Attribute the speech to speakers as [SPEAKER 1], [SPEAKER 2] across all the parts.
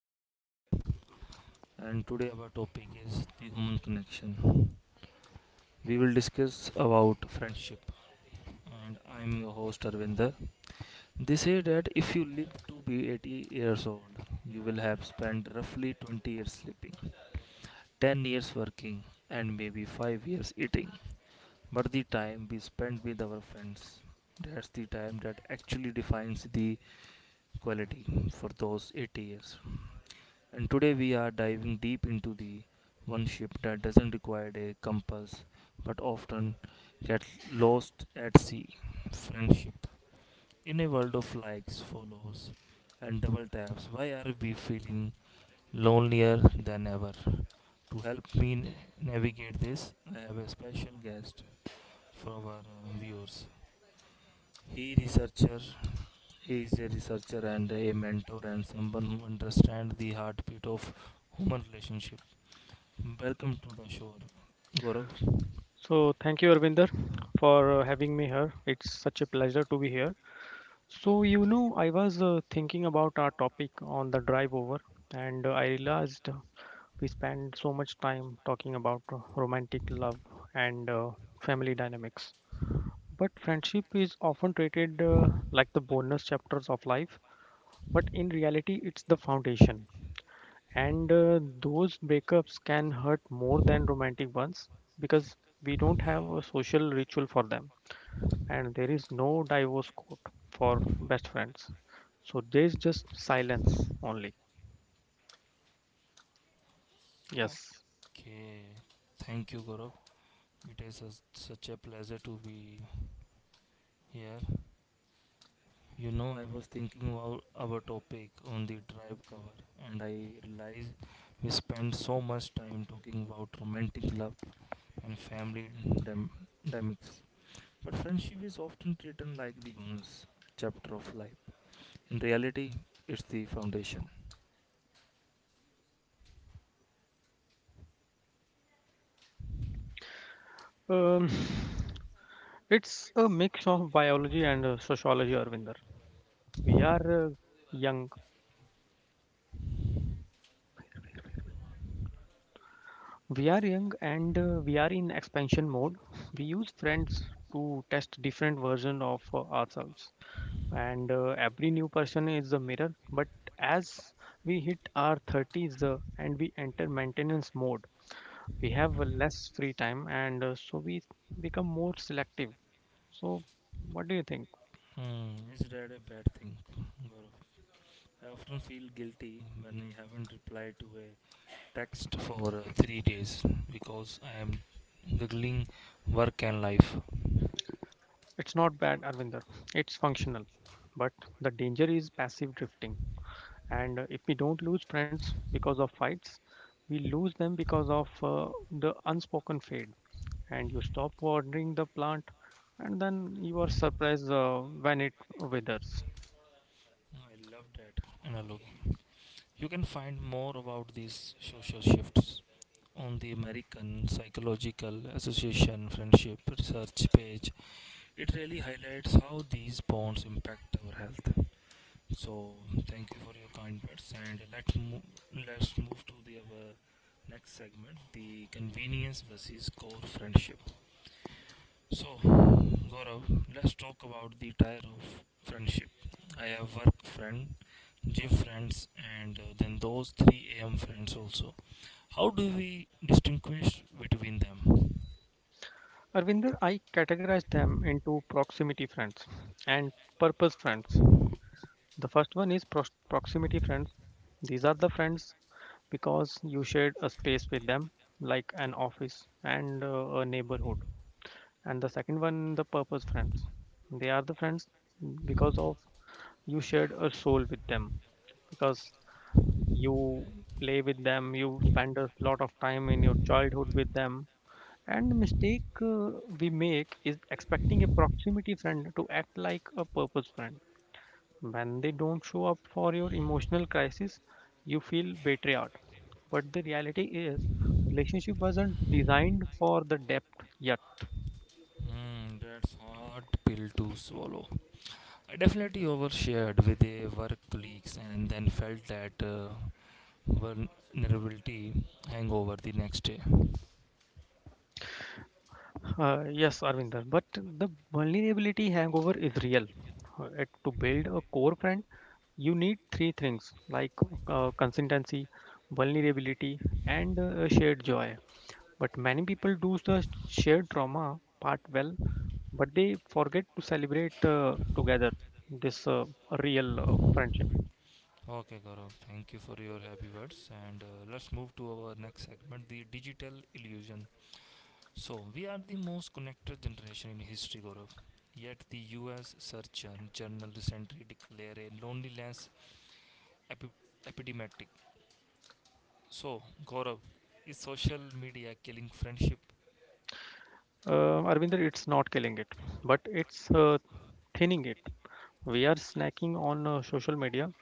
[SPEAKER 1] podcast. And today, our topic is the human connection. We will discuss about friendship. And I'm your host, Arvinder. They say that if you live to be 80 years old, you will have spent roughly 20 years sleeping, 10 years working, and maybe 5 years eating. But the time we spend with our friends, that's the time that actually defines the quality for those 80 years. And today we are diving deep into the one ship that doesn't require a compass but often gets lost at sea, friendship. In a world of likes, follows, and double taps, why are we feeling lonelier than ever? To help me navigate this, I have a special guest for our viewers. He researcher he is a researcher and a mentor and someone who understands the heartbeat of human relationship. Welcome to the show, Gaurav.
[SPEAKER 2] So thank you, Arvinder, for having me here. It's such a pleasure to be here. So you know, I was thinking about our topic on the drive over, and I realized we spend so much time talking about romantic love and family dynamics, but friendship is often treated like the bonus chapters of life. But in reality, it's the foundation, and those breakups can hurt more than romantic ones because we don't have a social ritual for them, and there is no divorce court for best friends. So there's just silence only. Yes.
[SPEAKER 1] Okay, thank you, Gaurav. It is a, such a pleasure to be here. You know, I was thinking about our topic on the drive cover, and I realized we spend so much time talking about romantic love and dynamics, but friendship is often treated like the bonus chapter of life. In reality, it's the foundation.
[SPEAKER 2] Um, it's a mix of biology and sociology, Arvinder. We are young. We are young, and we are in expansion mode. We use friends to test different versions of ourselves. And every new person is a mirror. But as we hit our 30s and we enter maintenance mode, we have less free time, and so we become more selective. So what do you think?
[SPEAKER 1] Hmm, is that a bad thing, Gaurav? I often feel guilty when I haven't replied to a text for 3 days because I am juggling work and life.
[SPEAKER 2] It's not bad, Arvinder. It's functional, but the danger is passive drifting. And if we don't lose friends because of fights, we lose them because of the unspoken fade. And you stop watering the plant, and then you are surprised when it withers.
[SPEAKER 1] I love that analogy. You can find more about these social shifts on the American Psychological Association Friendship Research page. It really highlights how these bonds impact our health. So thank you for your kind words, and let's move to the our next segment, the convenience versus core friendship. So, Gaurav, let's talk about the tier of friendship. I have work friend, gym friends, and then those 3 a.m. friends also. How do we distinguish between them?
[SPEAKER 2] Arvinder, I categorize them into proximity friends and purpose friends. The first one is proximity friends. These are the friends because you shared a space with them, like an office and a neighborhood. And the second one, the purpose friends. They are the friends because of you shared a soul with them, because you play with them, you spend a lot of time in your childhood with them. And the mistake we make is expecting a proximity friend to act like a purpose friend. When they don't show up for your emotional crisis, you feel betrayed. But the reality is, relationship wasn't designed for the depth yet.
[SPEAKER 1] Hmm, that's hard pill to swallow. I definitely overshared with a work colleagues and then felt that vulnerability hangover the next day.
[SPEAKER 2] Yes, Arvinder, but the vulnerability hangover is real. To build a core friend, you need three things like consistency, vulnerability, and shared joy. But many people do the shared trauma part well, but they forget to celebrate together this real friendship.
[SPEAKER 1] Okay, Gaurav, thank you for your happy words. And let's move to our next segment, the digital illusion. So, we are the most connected generation in history, Gaurav. Yet, the US Surgeon General recently declared a loneliness epi- epidemic. So, Gaurav, is social media killing friendship?
[SPEAKER 2] Arvinder, it's not killing it, but it's thinning it. We are snacking on social media.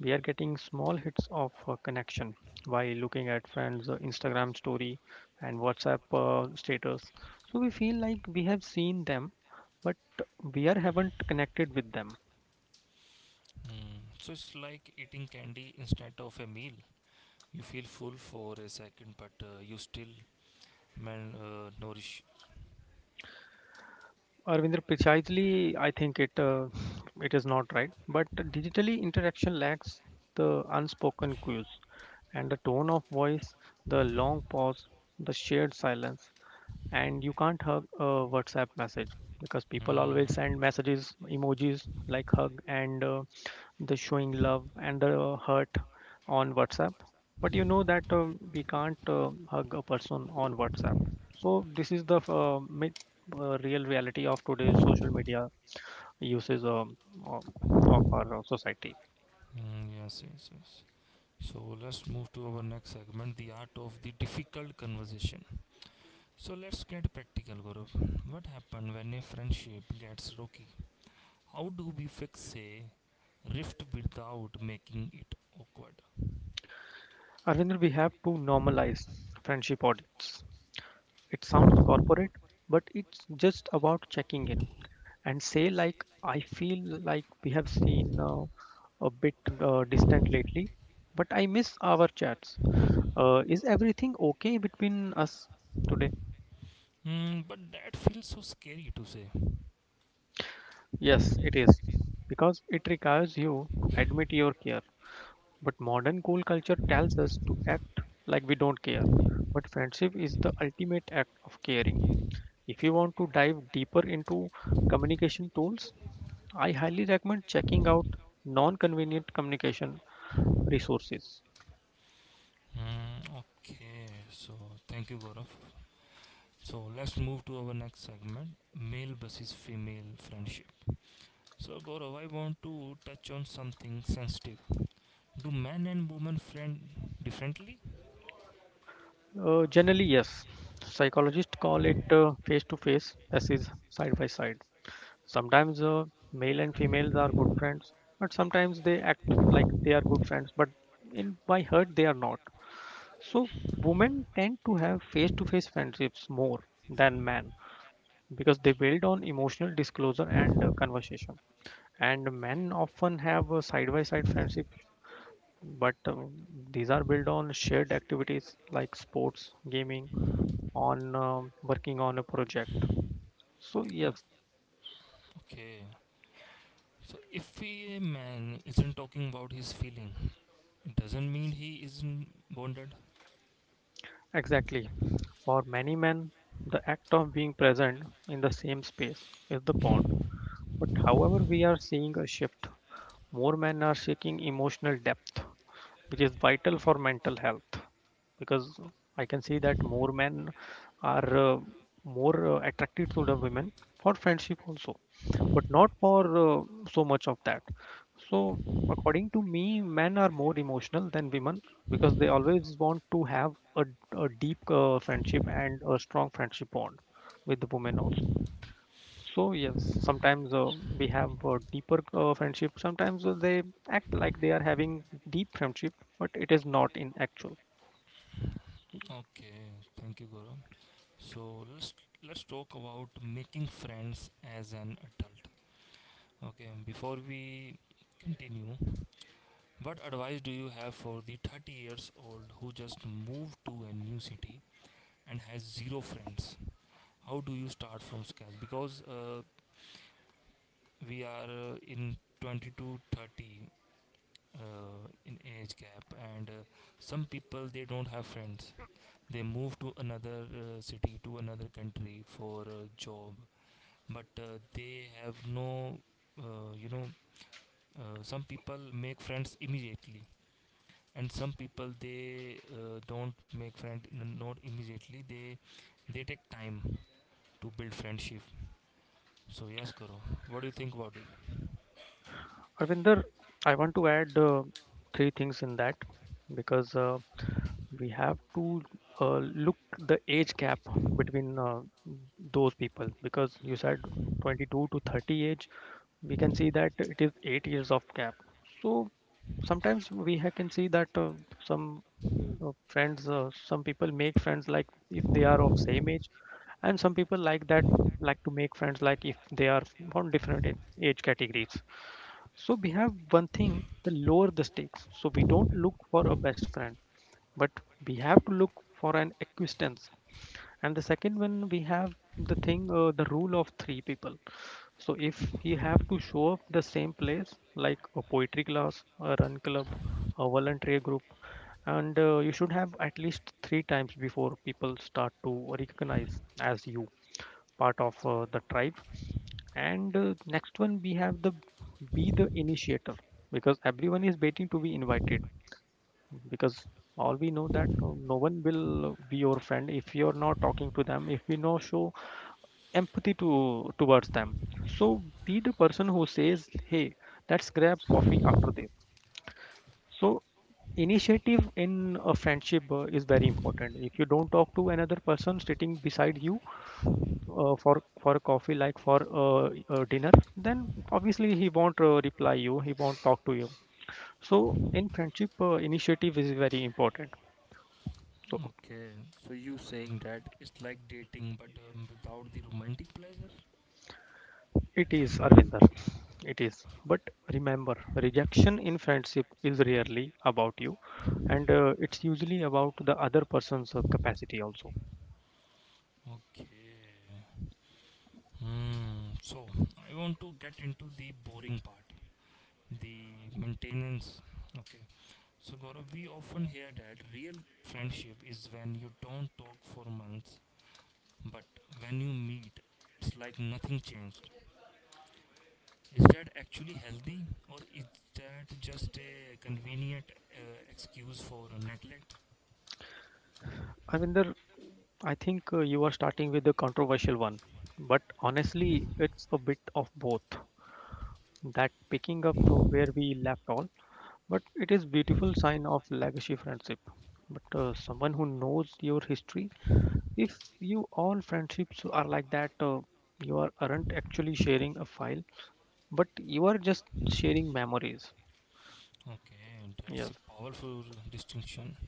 [SPEAKER 2] We are getting small hits of connection while looking at friends' Instagram story and WhatsApp status. So we feel like we have seen them, but we are haven't connected with them.
[SPEAKER 1] Mm, so it's like eating candy instead of a meal. You feel full for a second, but you still man nourish.
[SPEAKER 2] Arvinder, precisely, I think it it is not right. But digitally, interaction lacks the unspoken cues, and the tone of voice, the long pause, the shared silence, and you can't hug a WhatsApp message because people always
[SPEAKER 1] Mm.
[SPEAKER 2] send messages emojis like hug, and the showing love and the hurt on WhatsApp. But you know that we can't hug a person on WhatsApp. So this is the myth, real reality of today's social media uses of of our society.
[SPEAKER 1] Mm, yes, yes, yes. So let's move to our next segment, the art of the difficult conversation. So let's get practical, Gaurav. What happened when a friendship gets rocky? How do we fix a rift without making it awkward?
[SPEAKER 2] Arvinder, we have to normalize friendship audits. It sounds corporate, but it's just about checking in and say like, I feel like we have seen a bit distant lately, but I miss our chats. Is everything okay between us today?
[SPEAKER 1] Hmm. But that feels so scary to say.
[SPEAKER 2] Yes, it is. Because it requires you to admit your care. But modern cool culture tells us to act like we don't care. But friendship is the ultimate act of caring. If you want to dive deeper into communication tools, I highly recommend checking out non convenient communication resources.
[SPEAKER 1] Hmm. Okay, so thank you, Gaurav. So let's move to our next segment, male versus female friendship. So, Gaurav, I want to touch on something sensitive. Do men and women friend differently?
[SPEAKER 2] Generally, yes. Psychologists call it face to face, as is side by side. Sometimes male and females are good friends, but sometimes they act like they are good friends, but in by heart they are not. So women tend to have face to face friendships more than men because they build on emotional disclosure and conversation. And men often have side by side friendships, but these are built on shared activities like sports, gaming, on working on a project. So,
[SPEAKER 1] Oh,
[SPEAKER 2] yes,
[SPEAKER 1] okay. So, if a man isn't talking about his feeling, it doesn't mean he isn't bonded.
[SPEAKER 2] exactly. For many men, the act of being present in the same space is the bond. But however, we are seeing a shift. More men are seeking emotional depth, which is vital for mental health, because I can see that more men are more attracted to the women for friendship also, but not for so much of that. So, according to me, men are more emotional than women because they always want to have a deep friendship and a strong friendship bond with the women also. So yes, sometimes we have a deeper friendship. Sometimes they act like they are having deep friendship, but it is not in actual.
[SPEAKER 1] Okay, thank you, Gaurav. So let's talk about making friends as an adult. Okay, before we continue, what advice do you have for the 30 years old who just moved to a new city and has zero friends? How do you start from scratch? Because we are in 20 to 30 in age gap, and some people they don't have friends. They move to another city, to another country for a job but they have no uh, you know some people make friends immediately and some people they don't make not immediately they take time to build friendship. So yes, Guru, what do you think about it?
[SPEAKER 2] Arvinder, I want to add three things in that, because we have to look the age gap between those people, because you said 22 to 30 age. We can see that it is 8 years of gap. So sometimes can see that some friends some people make friends like if they are of same age, and some people like that like to make friends like if they are on different age categories. So we have one thing, the lower the stakes, so we don't look for a best friend, but we have to look for an equidistance. And the second one we have the thing the rule of three people. So if you have to show up the same place like a poetry class, a run club, a voluntary group, and you should have at least three times before people start to recognize as you part of the tribe. And next one we have the be the initiator, because everyone is waiting to be invited. Because all we know that no one will be your friend if you're not talking to them, if we no show empathy to towards them. So be the person who says, hey, let's grab coffee after this. So initiative in a friendship is very important. If you don't talk to another person sitting beside you for a coffee, like for uh, a dinner, then obviously he won't reply you, he won't talk to you. So in friendship initiative is very important. So
[SPEAKER 1] Okay, so you saying that it's like dating but without the romantic pleasure.
[SPEAKER 2] it is, Arvinder. It is. But remember, rejection in friendship is rarely about you, and it's usually about the other person's capacity also.
[SPEAKER 1] Okay, hmm, so I want to get into the boring part, the maintenance. Okay. So Gaurav, we often hear that real friendship is when you don't talk for months, but when you meet, it's like nothing changed. Is that actually healthy, or is that just a convenient excuse for neglect?
[SPEAKER 2] Arvinder, I think you are starting with a controversial one, but honestly, it's a bit of both. That picking up where we left all, but it is beautiful sign of legacy friendship. But someone who knows your history, if you all friendships are like that, you are, aren't actually sharing a file, but you are just sharing memories.
[SPEAKER 1] Okay, that's
[SPEAKER 2] Yes,
[SPEAKER 1] a powerful distinction.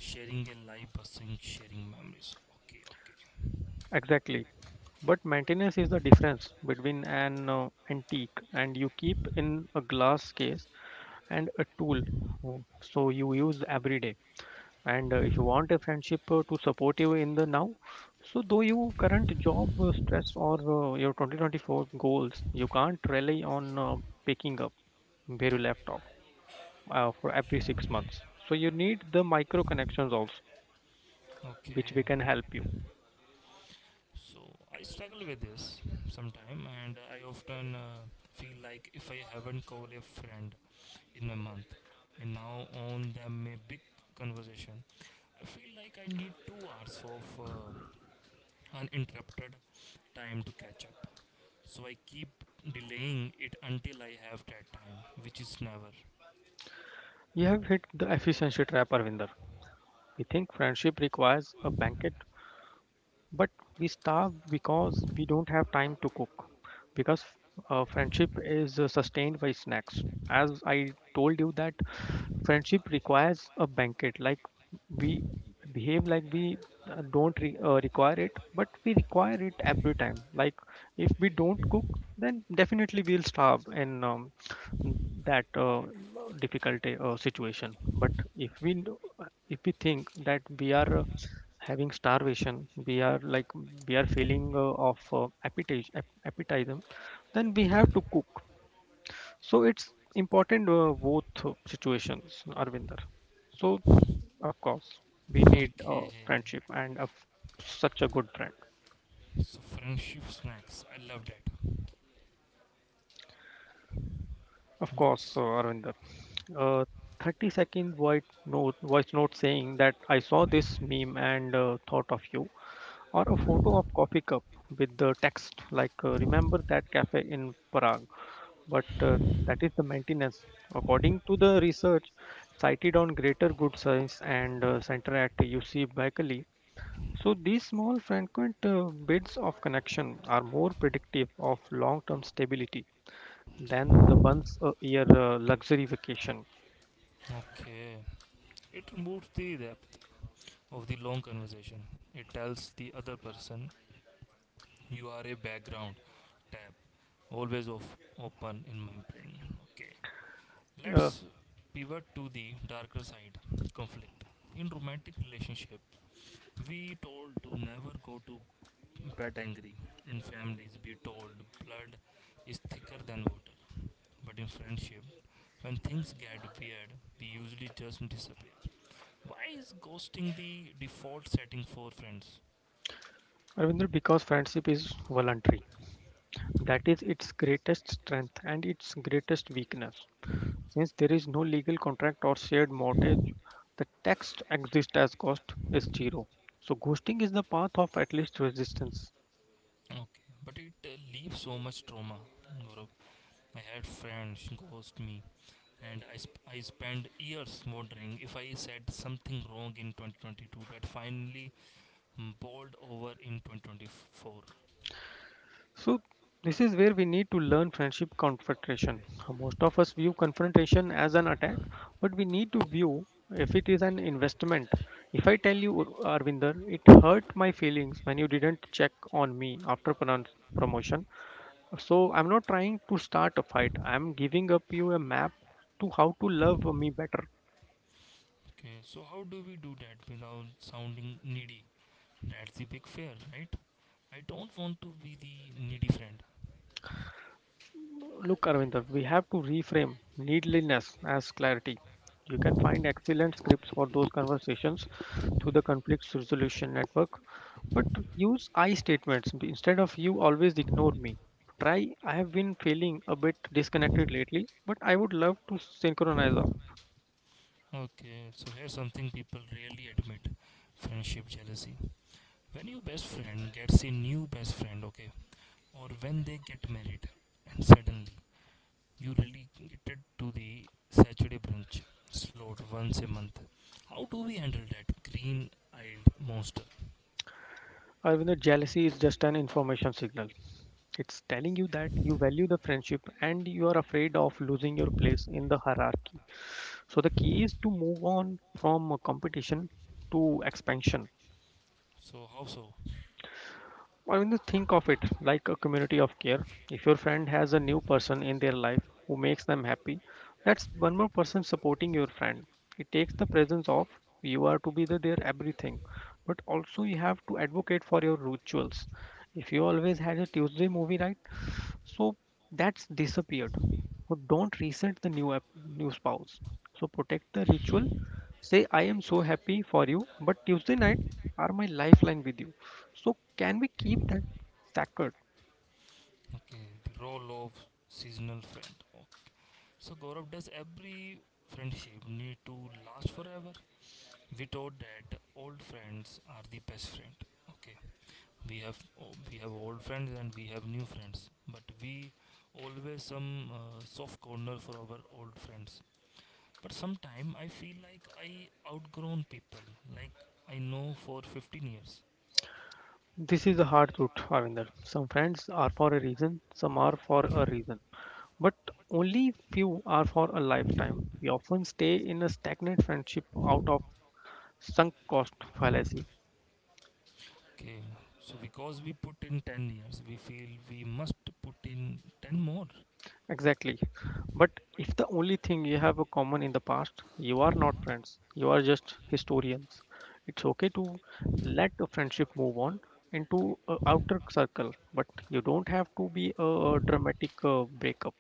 [SPEAKER 1] Sharing a life versus sharing memories. Okay,
[SPEAKER 2] exactly. But maintenance is the difference between an antique and you keep in a glass case, and a tool so you use every day. And if you want a friendship to support you in the now, so though you current job stress or your 2024 goals, you can't rely on picking up where you left off for every 6 months. So you need the micro connections also, which
[SPEAKER 1] okay.
[SPEAKER 2] we can help you.
[SPEAKER 1] So I struggle with this sometime, and I often feel like if I haven't called a friend in a month. I now own them a big conversation. I feel like I need 2 hours of uninterrupted time to catch up. So I keep delaying it until I have that time, which is never.
[SPEAKER 2] You have hit the efficiency trap, Arvinder. We think friendship requires a banquet, but we starve because we don't have time to cook. Because friendship is sustained by snacks. As I told you that friendship requires a banquet. Like we behave like we don't require it, but we require it every time. Like if we don't cook, then definitely we'll starve in that difficulty situation. But if if we think that we are having starvation, we are like we are feeling of appetite appetitism, then we have to cook. So it's important both situations, Arvinder. So of course we need a
[SPEAKER 1] Okay.
[SPEAKER 2] friendship and such a good friend.
[SPEAKER 1] So friendship snacks. I love that.
[SPEAKER 2] Of course,
[SPEAKER 1] Yes.
[SPEAKER 2] Arvind. Uh, 30 second voice note saying that I saw this meme and thought of you, or a photo of coffee cup with the text like remember that cafe in Prague. But that is the maintenance. According to the research cited on Greater Good Science and Center at UC Berkeley, so these small frequent bits of connection are more predictive of long-term stability than the once a year luxury vacation.
[SPEAKER 1] Okay. It removes the depth of the long conversation. It tells the other person you are a background tab always of open in my brain. Okay.
[SPEAKER 2] Uh,
[SPEAKER 1] Let's pivot to the darker side, conflict. In romantic relationship, we told to never go to bed angry. In families, we told blood is thicker than water. But in friendship, when things get weird, we usually just disappear. Why is ghosting the default setting for friends?
[SPEAKER 2] Ravindra, because friendship is voluntary, that is its greatest strength and its greatest weakness. Since there is no legal contract or shared mortgage, the text exist as cost is zero. So ghosting is the path of at least resistance.
[SPEAKER 1] Okay, but it leaves so much trauma. Gaurav. I had friends ghost me and I spent years wondering if I said something wrong in 2022 that finally boiled over in 2024.
[SPEAKER 2] So this is where we need to learn friendship confrontation. Most of us view confrontation as an attack, but we need to view if it is an investment. If I tell you, Arvinder, it hurt my feelings when you didn't check on me after promotion. So I'm not trying to start a fight. I'm giving up you a map to how to love me better.
[SPEAKER 1] Okay, so how do we do that without sounding needy? That's the big fear, right? I don't want to be the needy friend.
[SPEAKER 2] Look, Arvinder, we have to reframe needliness as clarity. You can find excellent scripts for those conversations through the conflict resolution network, but use I statements instead of you always ignore me. Try, I have been feeling a bit disconnected lately, but I would love to synchronize up.
[SPEAKER 1] Okay, so here's something people rarely admit, friendship jealousy. When your best friend gets a new best friend, okay, or when they get married, and suddenly you relegated to the Saturday brunch slot once a month. How do we handle that green-eyed monster?
[SPEAKER 2] Arvinder, jealousy is just an information signal. It's telling you that you value the friendship and you are afraid of losing your place in the hierarchy. So the key is to move on from a competition to expansion.
[SPEAKER 1] So how so?
[SPEAKER 2] I mean, to think of it like a community of care. If your friend has a new person in their life who makes them happy, that's one more person supporting your friend. It takes the presence of you are to be the, their everything, but also you have to advocate for your rituals. If you always had a Tuesday movie night, so that's disappeared. So don't resent the new app, new spouse. So protect the ritual. Say I am so happy for you, but Tuesday night are my lifeline with you so can we keep that sacred?
[SPEAKER 1] Okay, the role of seasonal friend. Oh, so Gaurav, does every friendship need to last forever? We thought that old friends are the best friend. Okay, we have we have old friends and we have new friends, but we always some soft corner for our old friends. But sometime I feel like I outgrown people. Like I know for 15 years.
[SPEAKER 2] This is the hard truth, Ravinder. Some friends are for a reason, some are for a reason, but only few are for a lifetime. We often stay in a stagnant friendship out of sunk cost fallacy.
[SPEAKER 1] Okay, so because we put in 10 years, we feel we must put in 10 more.
[SPEAKER 2] Exactly. But if the only thing you have a common in the past, you are not friends, you are just historians. It's okay to let a friendship move on into a outer circle, but you don't have to be a dramatic breakup.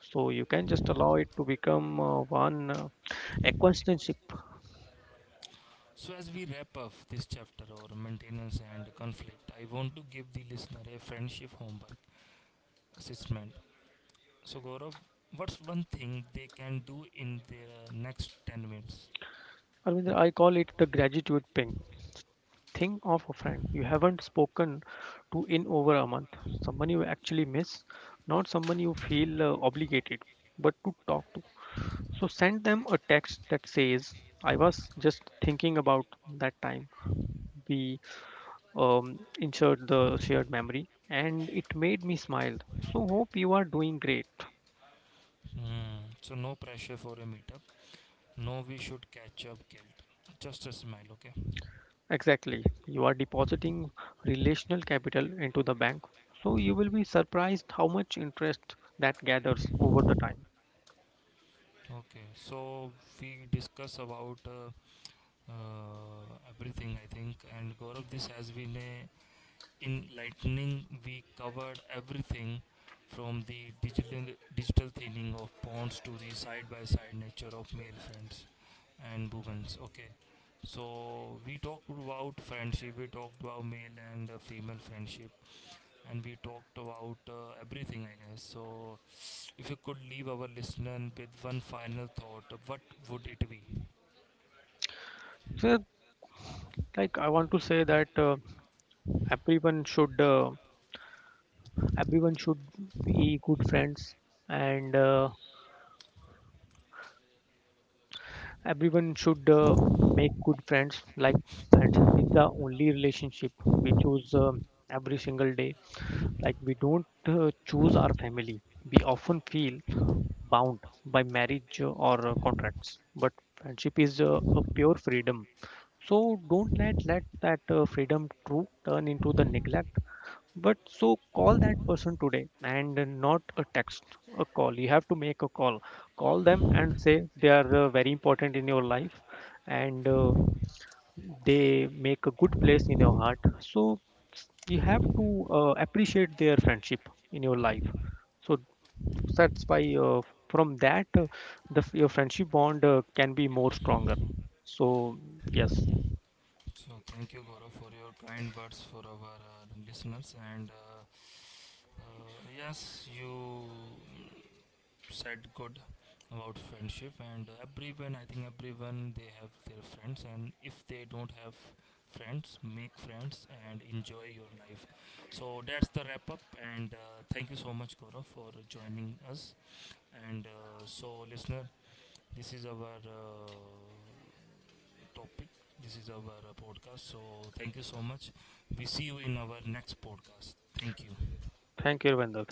[SPEAKER 2] So you can just allow it to become one acquaintanceship.
[SPEAKER 1] So as we wrap up this chapter or maintenance and conflict, I want to give the listener a friendship homework assessment. So Gaurav, what's one thing they can do in their next 10 minutes?
[SPEAKER 2] I mean, I call it the gratitude ping. Think of a friend you haven't spoken to in over a month, someone you actually miss, not someone you feel obligated but to talk to. So send them a text that says, I was just thinking about that time we insert the shared memory and it made me smile. So hope you are doing great.
[SPEAKER 1] Hmm. So no pressure for a meetup. No, we should catch up guilt. Just a smile, okay?
[SPEAKER 2] Exactly. You are depositing relational capital into the bank. So you will be surprised how much interest that gathers over the time.
[SPEAKER 1] Okay, so we discuss about everything, I think, and Gaurav, this has been a enlightening. We covered everything from the digital thinning of ponds to the side by side nature of male friends and women's. Okay, so we talked about friendship, we talked about male and female friendship, and we talked about everything, I guess. So if you could leave our listener with one final thought, what would it be?
[SPEAKER 2] So like, I want to say that everyone should uh, everyone should be good friends and everyone should make good friends like friendship is the only relationship we choose every single day like we don't choose our family, we often feel bound by marriage or contracts, but friendship is a pure freedom. So don't let that freedom to turn into the neglect. But so call that person today and not a text, a call. You have to make a call. Call them and say they are very important in your life and they make a good place in your heart. So you have to appreciate their friendship in your life. So that's why from that the your friendship bond can be more stronger. So yes,
[SPEAKER 1] So thank you, Gaurav, for your kind words for our listeners. And uh, yes, you said good about friendship, and everyone, I think everyone, they have their friends, and if they don't have friends, make friends and enjoy your life. So that's the wrap up, and thank you so much, Gaurav, for joining us. And so, listener, this is our uh, topic this is our podcast. So thank you so much. We see you in our next podcast. Thank you.
[SPEAKER 2] thank you, Vendor.